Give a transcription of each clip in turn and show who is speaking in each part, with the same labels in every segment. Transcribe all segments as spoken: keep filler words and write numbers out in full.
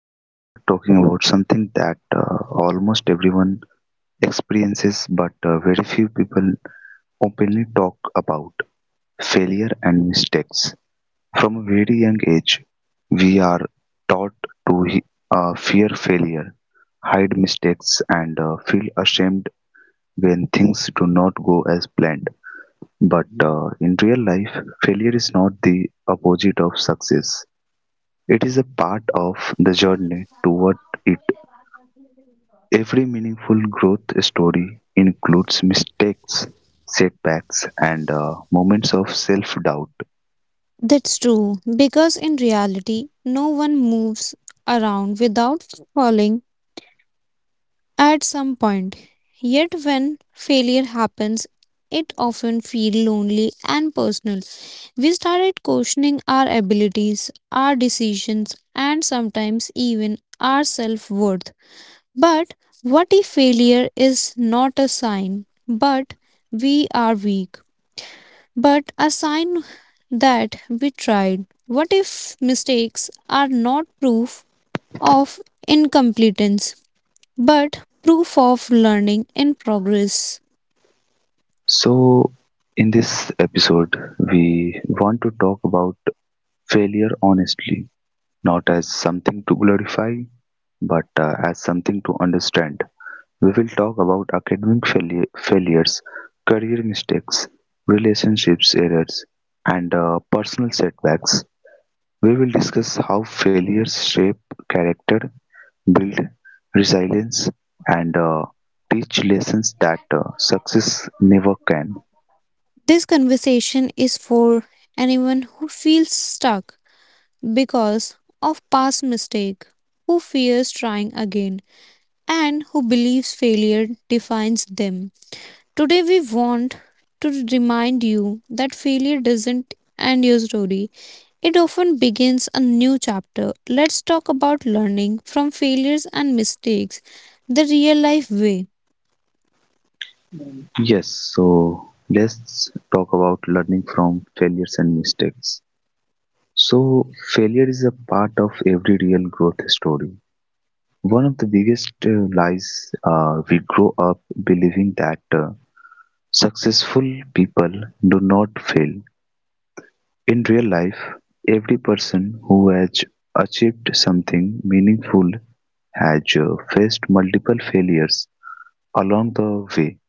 Speaker 1: Today we are talking about something that uh, almost everyone experiences but uh, very few people openly talk about failure and mistakes. From a very young age, we are taught to he- uh, fear failure, hide mistakes and uh, feel ashamed when things do not go as planned. But uh, in real life, failure is not the opposite of success. It is a part of the journey toward it. Every meaningful growth story includes mistakes, setbacks, and uh, moments of self doubt.
Speaker 2: That's true, because in reality, no one moves around without falling at some point. Yet, when failure happens, it often feels lonely and personal. We started questioning our abilities, our decisions, and sometimes even our self worth. But what if failure is not a sign, but we are weak? But a sign that we tried. What if mistakes are not proof of incompetence, but proof of learning and progress?
Speaker 1: So, in this episode, we want to talk about failure honestly, not as something to glorify, but uh, as something to understand. We will talk about academic failure, failures, career mistakes, relationships errors, and uh, personal setbacks. We will discuss how failures shape character, build resilience, and uh, teach lessons that uh, success never can.
Speaker 2: This conversation is for anyone who feels stuck because of past mistake, who fears trying again, and who believes failure defines them. Today we want to remind you that failure doesn't end your story. It often begins a new chapter. Let's talk about learning from failures and mistakes the real life way.
Speaker 1: Yes, so let's talk about learning from failures and mistakes. So, failure is a part of every real growth story. One of the biggest uh, lies uh, we grow up believing that uh, successful people do not fail. In real life, every person who has achieved something meaningful has uh, faced multiple failures along the way.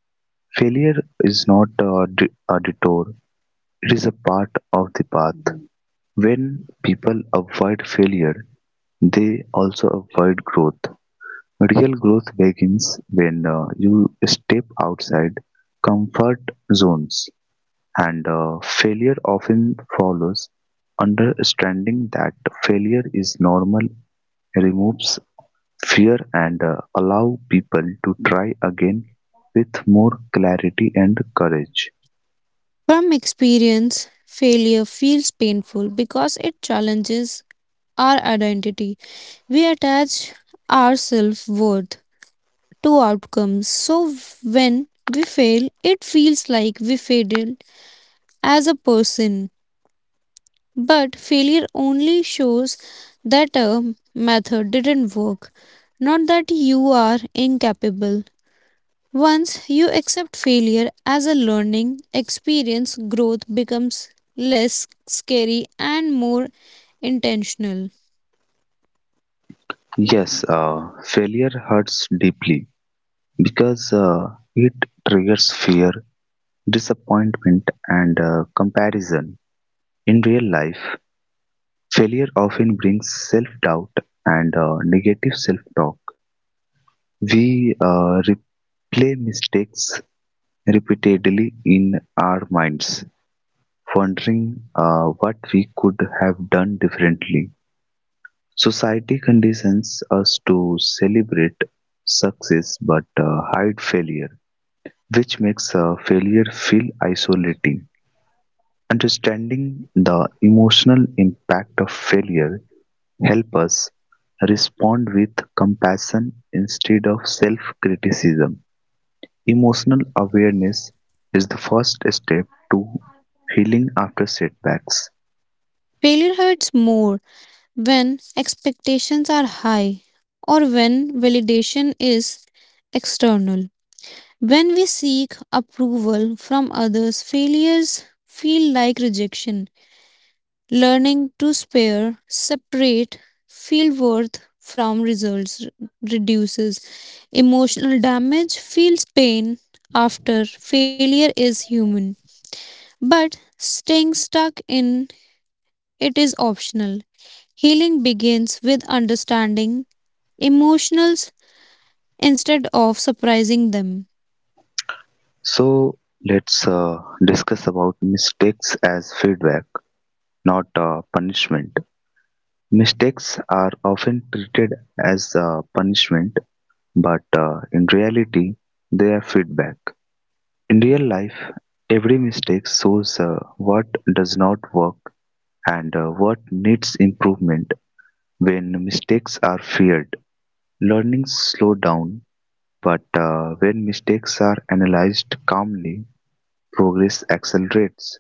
Speaker 1: Failure is not a, d- a detour, it is a part of the path. When people avoid failure, they also avoid growth. Real growth begins when uh, you step outside comfort zones and uh, failure often follows. Understanding that failure is normal removes fear and uh, allow people to try again with more clarity and courage.
Speaker 2: From experience, failure feels painful because it challenges our identity. We attach our self worth to outcomes. So when we fail, it feels like we failed as a person. But failure only shows that a method didn't work, not that you are incapable. Once you accept failure as a learning experience, growth becomes less scary and more intentional.
Speaker 1: Yes, uh, failure hurts deeply because uh, it triggers fear, disappointment, and uh, comparison. In real life, failure often brings self doubt and uh, negative self talk. We uh, replay mistakes repeatedly in our minds, wondering uh, what we could have done differently. Society conditions us to celebrate success but uh, hide failure, which makes uh, failure feel isolating. Understanding the emotional impact of failure help us respond with compassion instead of self-criticism. Emotional awareness is the first step to healing after setbacks.
Speaker 2: Failure hurts more when expectations are high or when validation is external. When we seek approval from others, failures feel like rejection. Learning to spare, separate field worth from results reduces emotional damage, feels pain after failure is human. But staying stuck in it is optional. Healing begins with understanding emotions instead of surprising them.
Speaker 1: So let's uh, discuss about mistakes as feedback, not uh, punishment. Mistakes are often treated as uh, punishment, but uh, in reality, they are feedback. In real life, every mistake shows uh, what does not work and uh, what needs improvement when mistakes are feared. Learning slows down, but uh, when mistakes are analyzed calmly, progress accelerates.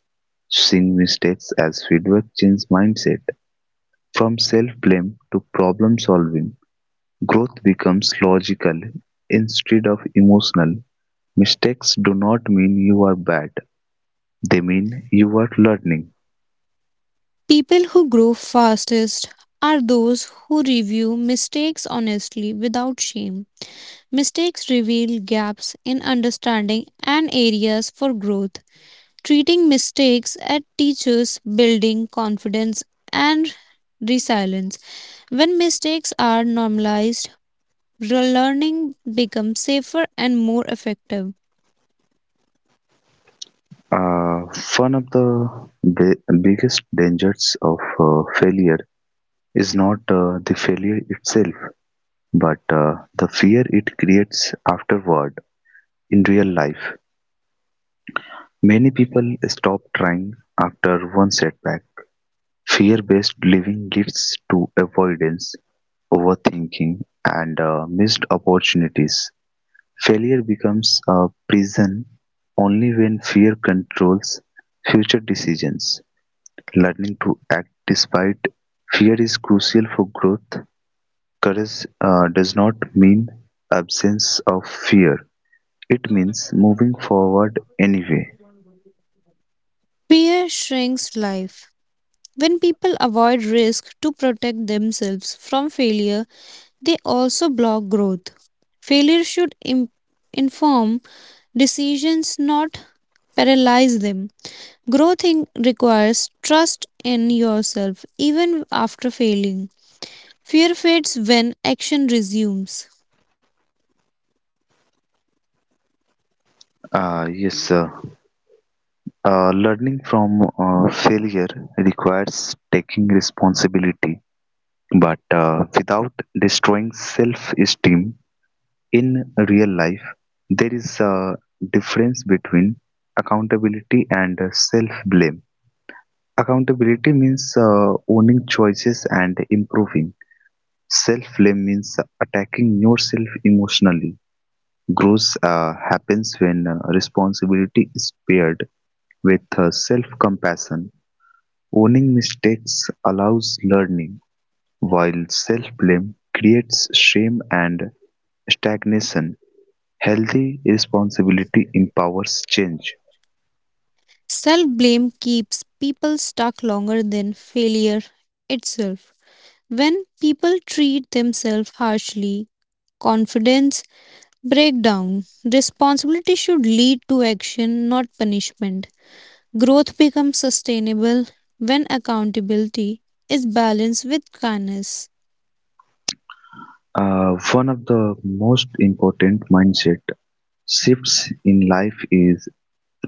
Speaker 1: Seeing mistakes as feedback changes mindset. From self blame to problem solving, growth becomes logical instead of emotional. Mistakes do not mean you are bad, they mean you are learning.
Speaker 2: People who grow fastest are those who review mistakes honestly without shame. Mistakes reveal gaps in understanding and areas for growth. Treating mistakes as teachers building confidence and resilience. When mistakes are normalized, learning becomes safer and more effective.
Speaker 1: Uh, one of the bi- biggest dangers of uh, failure is not uh, the failure itself, but uh, the fear it creates afterward in real life. Many people stop trying after one setback. Fear based living leads to avoidance, overthinking, and uh, missed opportunities. Failure becomes a prison only when fear controls future decisions. Learning to act despite fear is crucial for growth. Courage uh, does not mean absence of fear, it means moving forward anyway.
Speaker 2: Fear shrinks life. When people avoid risk to protect themselves from failure, they also block growth. Failure should im- inform decisions, not paralyze them. Growth in- requires trust in yourself even after failing. Fear fades when action resumes.
Speaker 1: Uh, yes, sir. Uh, learning from uh, failure requires taking responsibility, but uh, without destroying self esteem in real life, there is a difference between accountability and self blame. Accountability means uh, owning choices and improving, self blame means attacking yourself emotionally. Growth uh, happens when uh, responsibility is paired with uh, self-compassion. Owning mistakes allows learning, while self-blame creates shame and stagnation. Healthy responsibility empowers change.
Speaker 2: Self blame keeps people stuck longer than failure itself. When people treat themselves harshly, confidence breaks down. Responsibility should lead to action, not punishment. Growth becomes sustainable when accountability is balanced with kindness.
Speaker 1: Uh, one of the most important mindset shifts in life is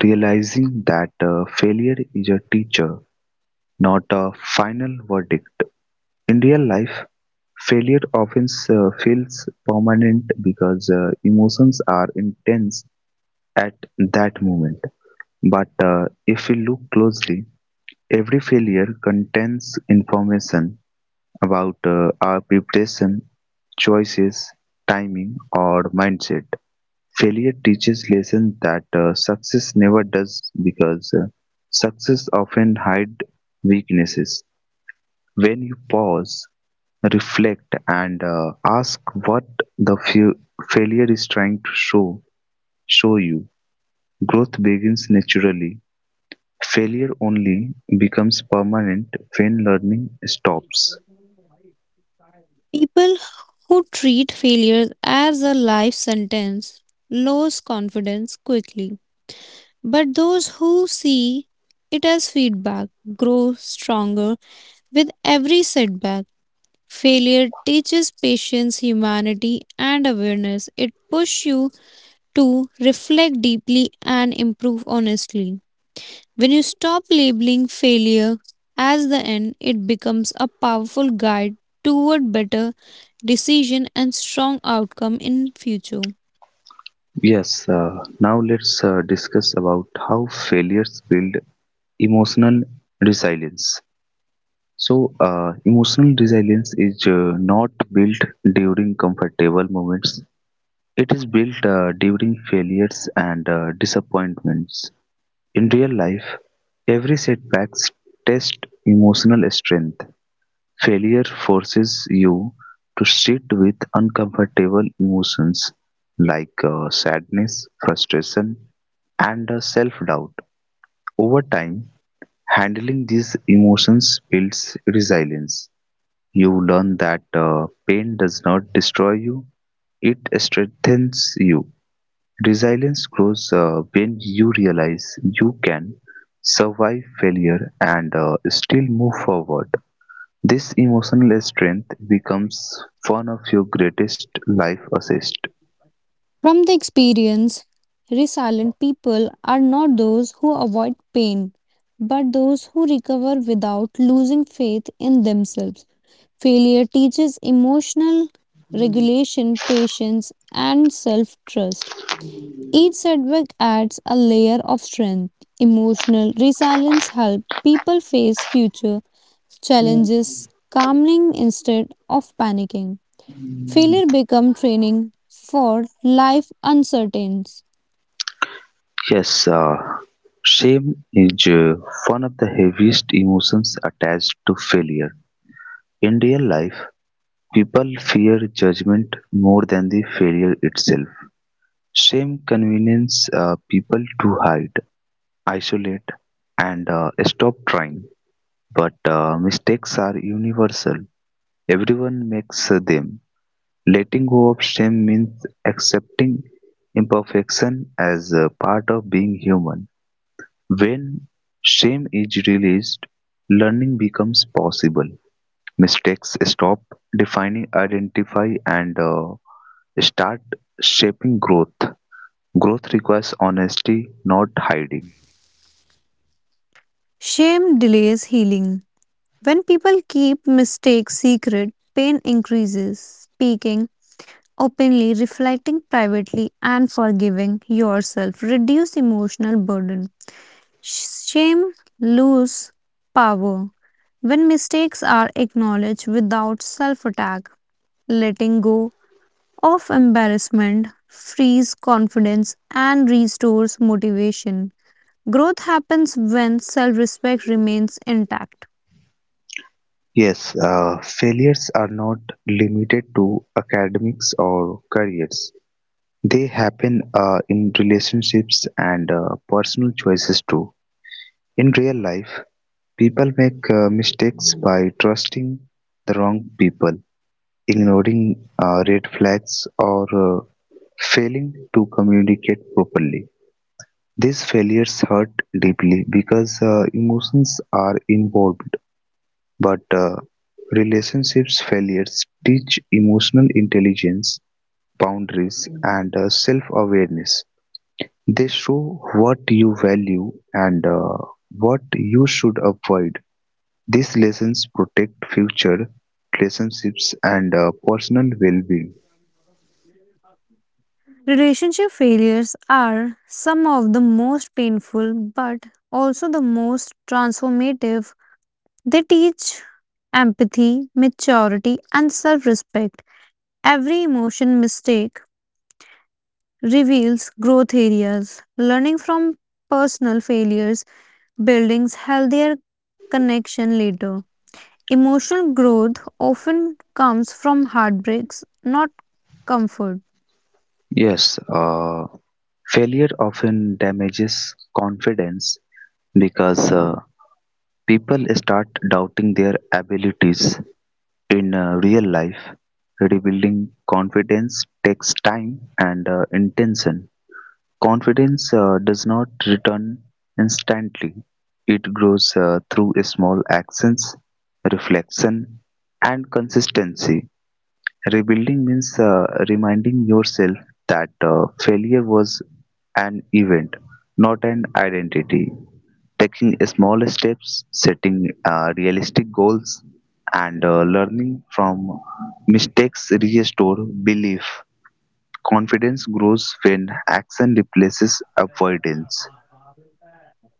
Speaker 1: realizing that uh, failure is a teacher, not a final verdict. In real life, failure often uh, feels permanent because uh, emotions are intense at that moment. But uh, if we look closely, every failure contains information about uh, our preparation, choices, timing, or mindset. Failure teaches lessons that uh, success never does because uh, success often hides weaknesses. When you pause, reflect, and uh, ask what the fa- failure is trying to show, show you, growth begins naturally. Failure only becomes permanent when learning stops.
Speaker 2: People who treat failure as a life sentence lose confidence quickly. But those who see it as feedback grow stronger with every setback. Failure teaches patience, humanity, and awareness. It pushes you to reflect deeply and improve honestly. When you stop labeling failure as the end, it becomes a powerful guide toward better decision and strong outcome in future.
Speaker 1: Yes, uh, now let's uh, discuss about how failures build emotional resilience. So, uh, emotional resilience is uh, not built during comfortable moments. It is built uh, during failures and uh, disappointments. In real life, every setback tests emotional strength. Failure forces you to sit with uncomfortable emotions like uh, sadness, frustration, and self doubt. Over time, handling these emotions builds resilience. You learn that uh, pain does not destroy you, it strengthens you. Resilience grows uh, when you realize you can survive failure and uh, still move forward. This emotional strength becomes one of your greatest life assets.
Speaker 2: From the experience, resilient people are not those who avoid pain, but those who recover without losing faith in themselves. Failure teaches emotional regulation, patience, and self trust. Each setback adds a layer of strength. Emotional resilience helps people face future challenges calmly instead of panicking. Failure becomes training for life uncertainties.
Speaker 1: Yes, uh, shame is uh, one of the heaviest emotions attached to failure. In real life, people fear judgment more than the failure itself. Shame convinces uh, people to hide, isolate, and uh, stop trying. But uh, mistakes are universal, everyone makes them. Letting go of shame means accepting imperfection as a part of being human. When shame is released, learning becomes possible. Mistakes stop defining identify and uh, start shaping growth. Growth requires honesty, not hiding.
Speaker 2: Shame delays healing. When people keep mistakes secret, pain increases. Speaking openly, reflecting privately, and forgiving yourself reduce emotional burden. Shame lose power when mistakes are acknowledged without self attack. Letting go of embarrassment frees confidence and restores motivation. Growth happens when self respect remains intact.
Speaker 1: Yes, uh, failures are not limited to academics or careers. They happen uh, in relationships and uh, personal choices too. In real life, people make uh, mistakes by trusting the wrong people, ignoring uh, red flags, or uh, failing to communicate properly. These failures hurt deeply because uh, emotions are involved. But uh, relationships failures teach emotional intelligence, boundaries, and uh, self-awareness. They show what you value and uh, what you should avoid. These lessons protect future relationships and uh, personal well-being.
Speaker 2: Relationship failures are some of the most painful but also the most transformative. They teach empathy, maturity, and self respect. Every emotion mistake reveals growth areas. Learning from personal failures buildings healthier connection later. Emotional growth often comes from heartbreaks, not comfort.
Speaker 1: Yes, uh, failure often damages confidence because uh, people start doubting their abilities. In uh, real life, rebuilding confidence takes time and uh, intention. Confidence uh, does not return instantly, it grows uh, through small actions, reflection, and consistency. Rebuilding means uh, reminding yourself that uh, failure was an event, not an identity. Taking small steps, setting uh, realistic goals, and uh, learning from mistakes restore belief. Confidence grows when action replaces avoidance.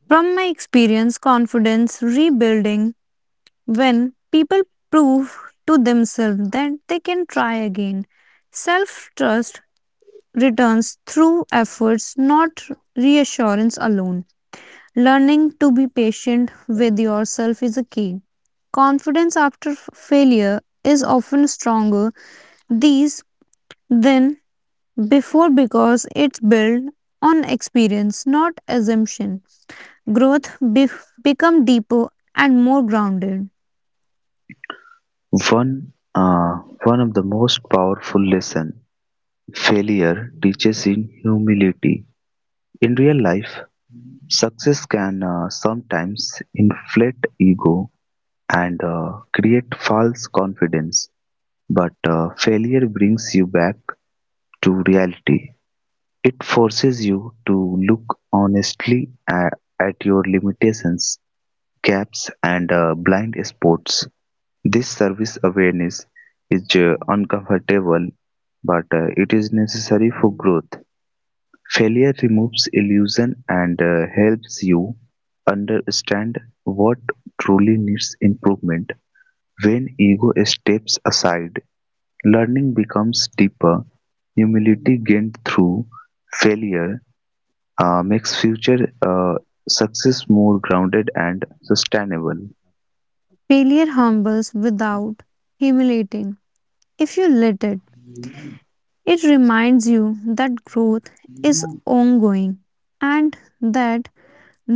Speaker 2: From my experience, confidence rebuilding when people prove to themselves that they can try again. Self trust returns through efforts, not reassurance alone. Learning to be patient with yourself is a key. Confidence after f- failure is often stronger these than before because it's built on experience, not assumption. Growth bef become deeper and more grounded.
Speaker 1: One, uh, one of the most powerful lesson failure teaches in humility. In real life, success can uh, sometimes inflate ego and uh, create false confidence, but uh, failure brings you back to reality. It forces you to look honestly a- at your limitations, gaps, and uh, blind spots. This service awareness is uh, uncomfortable, but uh, it is necessary for growth. Failure removes illusion and uh, helps you understand what truly needs improvement. When ego steps aside, learning becomes deeper. Humility gained through failure uh, makes future uh, success more grounded and sustainable.
Speaker 2: Failure humbles without humiliating. If you let it, it reminds you that growth is ongoing and that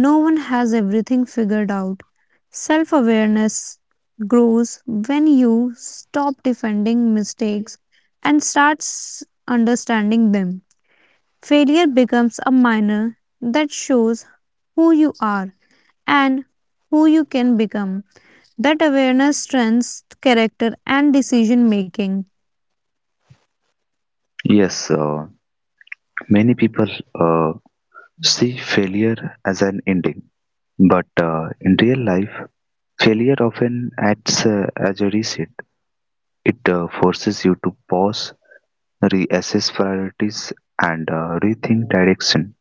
Speaker 2: no one has everything figured out. Self awareness grows when you stop defending mistakes and starts understanding them. Failure becomes a minor that shows who you are and who you can become. That awareness strengthens character and decision making.
Speaker 1: Yes, uh, many people uh, see failure as an ending, but uh, in real life, failure often acts uh, as a reset. It uh, forces you to pause, reassess priorities, and uh, rethink direction.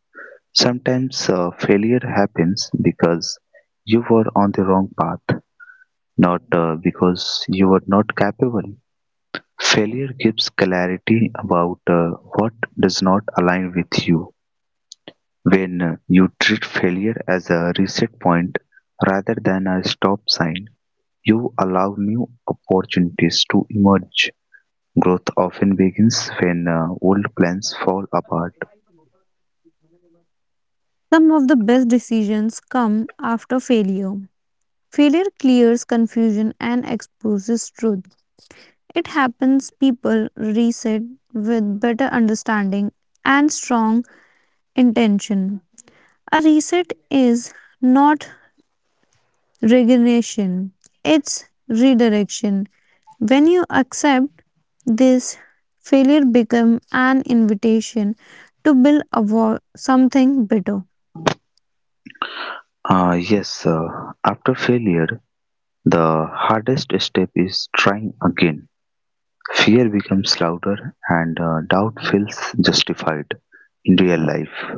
Speaker 1: Sometimes uh, failure happens because you were on the wrong path, not uh, because you were not capable. Failure gives clarity about uh, what does not align with you. When uh, you treat failure as a reset point rather than a stop sign, you allow new opportunities to emerge. Growth often begins when uh, old plans fall apart.
Speaker 2: Some of the best decisions come after failure. Failure clears confusion and exposes truth. It happens people reset with better understanding and strong intention. A reset is not resignation, it's redirection. When you accept this failure become an invitation to build a wo- something better.
Speaker 1: Uh, yes, uh, after failure, the hardest step is trying again. Fear becomes louder and uh, doubt feels justified in real life.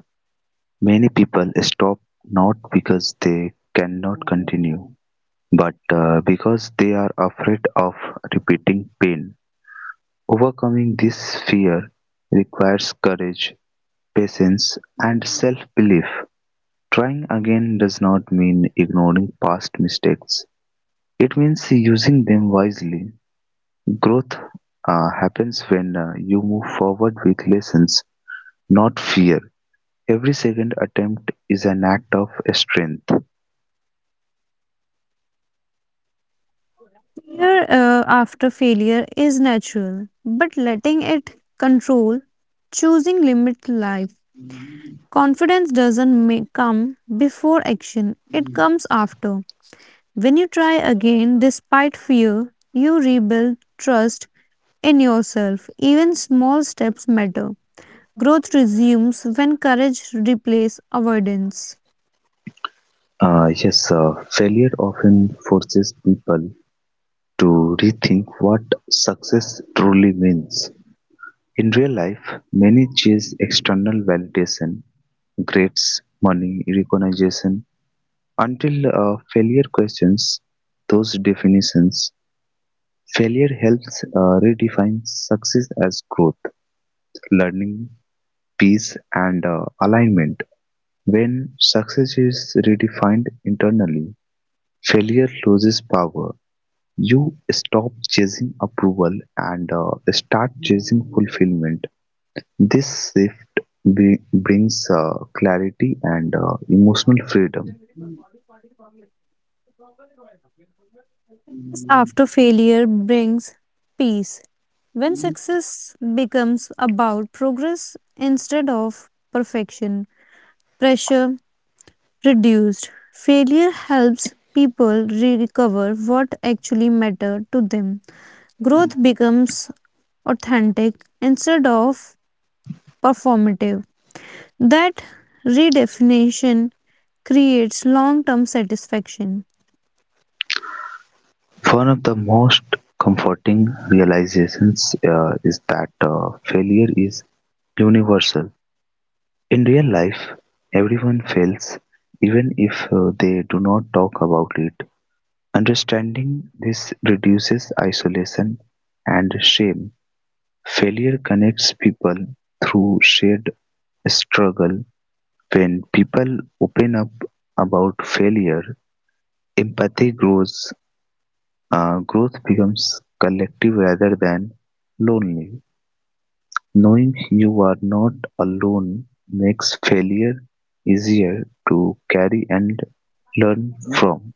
Speaker 1: Many people stop not because they cannot continue, but uh, because they are afraid of repeating pain. Overcoming this fear requires courage, patience, and self belief. Trying again does not mean ignoring past mistakes. It means using them wisely. Growth uh, happens when uh, you move forward with lessons, not fear. Every second attempt is an act of strength.
Speaker 2: Fear uh, after failure is natural, but letting it control choosing limit life. Confidence doesn't ma- come before action, it comes after. When you try again despite fear, you rebuild trust in yourself. Even small steps matter. Growth resumes when courage replaces avoidance.
Speaker 1: Uh, yes, uh, failure often forces people to rethink what success truly means. In real life, many chase external validation, grades, money, recognition, until a failure questions those definitions. Failure helps uh, redefine success as growth, learning, peace, and uh, alignment. When success is redefined internally, failure loses power. You stop chasing approval and uh, start chasing fulfillment. This shift bri- brings uh, clarity and uh, emotional freedom.
Speaker 2: Success after failure brings peace. When success becomes about progress instead of perfection, pressure reduced. Failure helps people recover what actually mattered to them. Growth becomes authentic instead of performative. That redefinition creates long term satisfaction.
Speaker 1: One of the most comforting realizations uh, is that uh, failure is universal. In real life, everyone fails, even if uh, they do not talk about it. Understanding this reduces isolation and shame. Failure connects people through shared struggle. When people open up about failure, empathy grows. Uh, growth becomes collective rather than lonely. Knowing you are not alone makes failure easier to carry and learn from.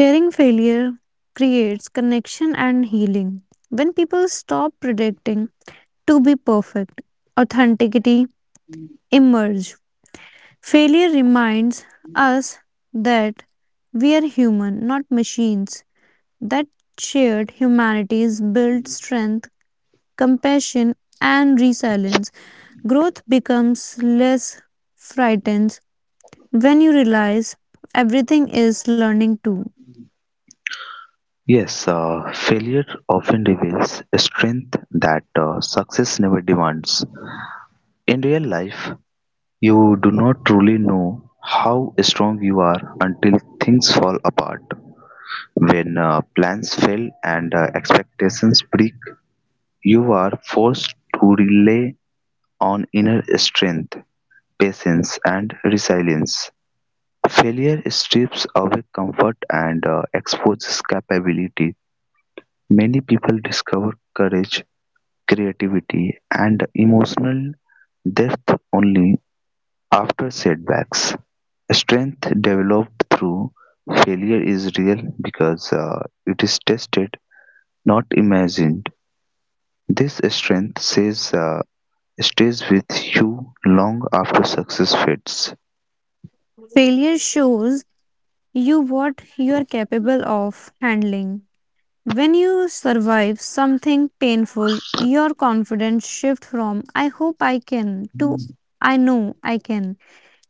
Speaker 2: Sharing failure creates connection and healing. When people stop predicting to be perfect, authenticity emerges. Failure reminds us that we are human, not machines. That shared humanity builds strength, compassion, and resilience. Growth becomes less frightened when you realize everything is learning too.
Speaker 1: Yes, uh, failure often reveals a strength that uh, success never demands. In real life, you do not truly know how strong you are until things fall apart. When uh, plans fail and uh, expectations break, you are forced to rely on inner strength, patience, and resilience. Failure strips away comfort and uh, exposes capability. Many people discover courage, creativity, and emotional depth only after setbacks. Strength developed through failure is real because uh, it is tested, not imagined. This strength says uh, stays with you long after success fades.
Speaker 2: Failure shows you what you are capable of handling. When you survive something painful, your confidence shifts from I hope I can to I know I can.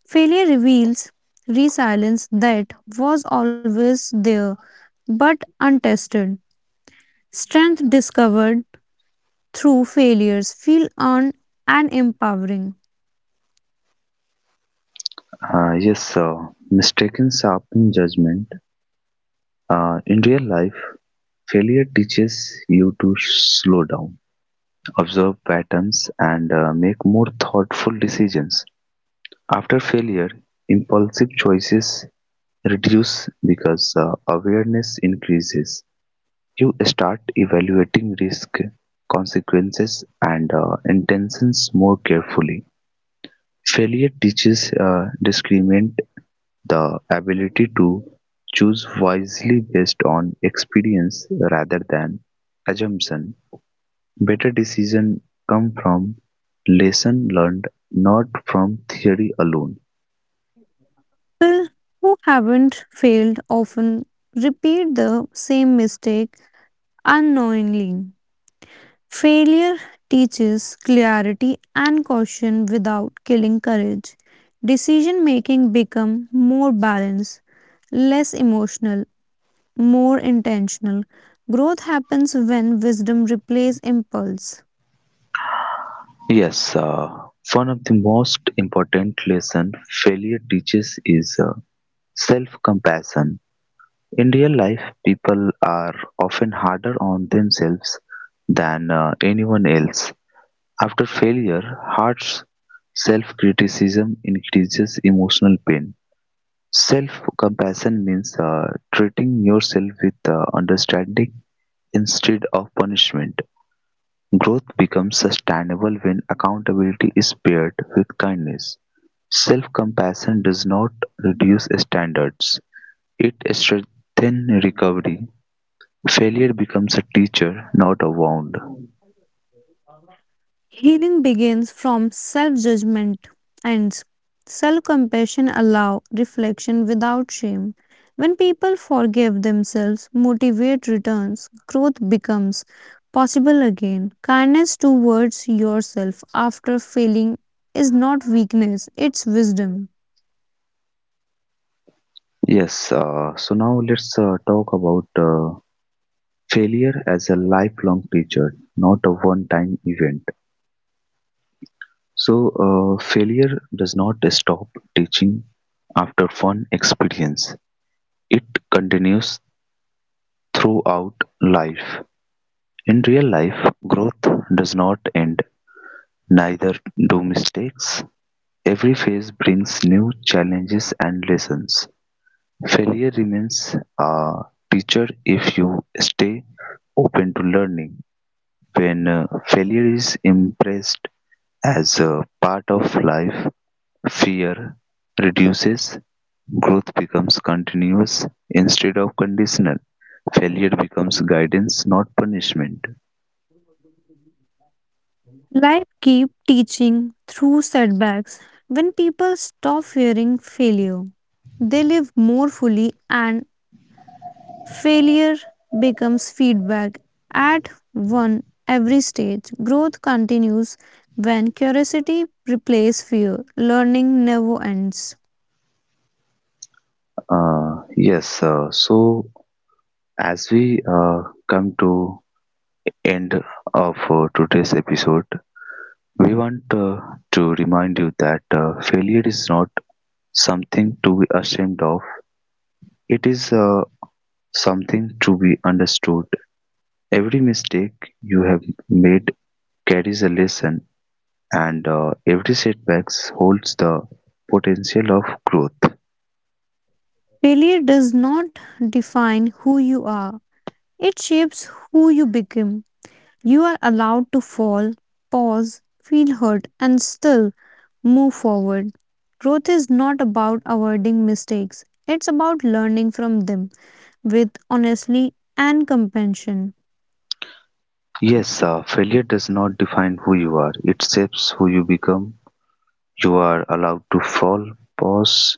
Speaker 2: Failure reveals resilience that was always there but untested. Strength discovered through failures feel earned and empowering.
Speaker 1: Uh, yes, uh, mistaken sharpen judgment. Uh, in real life, failure teaches you to slow down, observe patterns, and uh, make more thoughtful decisions. After failure, impulsive choices reduce because uh, awareness increases. You start evaluating risk, consequences, and uh, intentions more carefully. Failure teaches a discriminant the ability to choose wisely based on experience rather than assumption. Better decisions come from lesson learned, not from theory alone.
Speaker 2: People who haven't failed often repeat the same mistake unknowingly. Failure teaches clarity and caution without killing courage. Decision making become more balanced, less emotional, more intentional. Growth happens when wisdom replaces impulse.
Speaker 1: Yes, uh, one of the most important lesson failure teaches is uh, self-compassion. In real life, people are often harder on themselves than uh, anyone else. After failure, Hart's self-criticism increases emotional pain; self-compassion means uh, treating yourself with uh, understanding instead of punishment. Growth becomes sustainable when accountability is paired with kindness. Self-compassion does not reduce standards; it strengthens recovery. Failure becomes a teacher, not a wound.
Speaker 2: Healing begins from self judgment and self compassion allow reflection without shame. When people forgive themselves, motivate returns, growth becomes possible again. Kindness towards yourself after failing is not weakness, it's wisdom.
Speaker 1: Yes, uh, so now let's uh, talk about uh, failure as a lifelong teacher, not a one time event. So, uh, failure does not stop teaching after one experience, it continues throughout life. In real life, growth does not end, neither do mistakes. Every phase brings new challenges and lessons. Failure remains a teacher if you stay open to learning. When uh, failure is embraced, as a part of life, fear reduces, growth becomes continuous instead of conditional, failure becomes guidance, not punishment.
Speaker 2: Life keeps teaching through setbacks. When people stop fearing failure, they live more fully and failure becomes feedback at one every stage. Growth continues when curiosity replaces fear. Learning never ends.
Speaker 1: Uh, yes, uh, so as we uh, come to end of uh, today's episode, we want uh, to remind you that uh, failure is not something to be ashamed of. It is uh, something to be understood. Every mistake you have made carries a lesson, and uh, every setback holds the potential of growth.
Speaker 2: Failure does not define who you are, it shapes who you become. You are allowed to fall, pause, feel hurt, and still move forward. Growth is not about avoiding mistakes, it's about learning from them with honesty and compassion.
Speaker 1: Yes, uh, failure does not define who you are, it shapes who you become. You are allowed to fall, pause,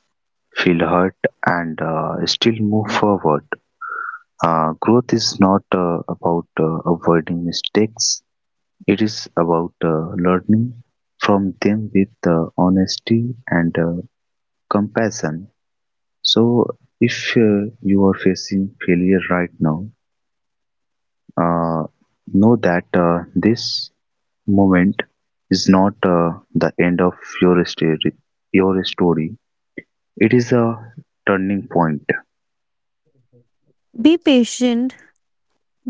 Speaker 1: feel hurt, and uh, still move forward. Uh, growth is not uh, about uh, avoiding mistakes, it is about uh, learning from them with uh, honesty and uh, compassion. So if uh, you are facing failure right now, uh, know that uh, this moment is not uh, the end of your story. Your story. It is a turning point.
Speaker 2: Be patient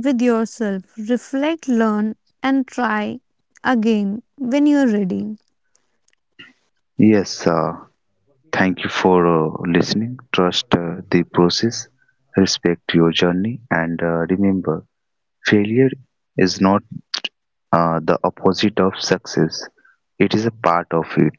Speaker 2: with yourself, reflect, learn, and try again when you're ready.
Speaker 1: Yes. Uh, thank you for uh, listening. Trust uh, the process. Respect your journey, and uh, remember, failure is not uh, the opposite of success. It is a part of it.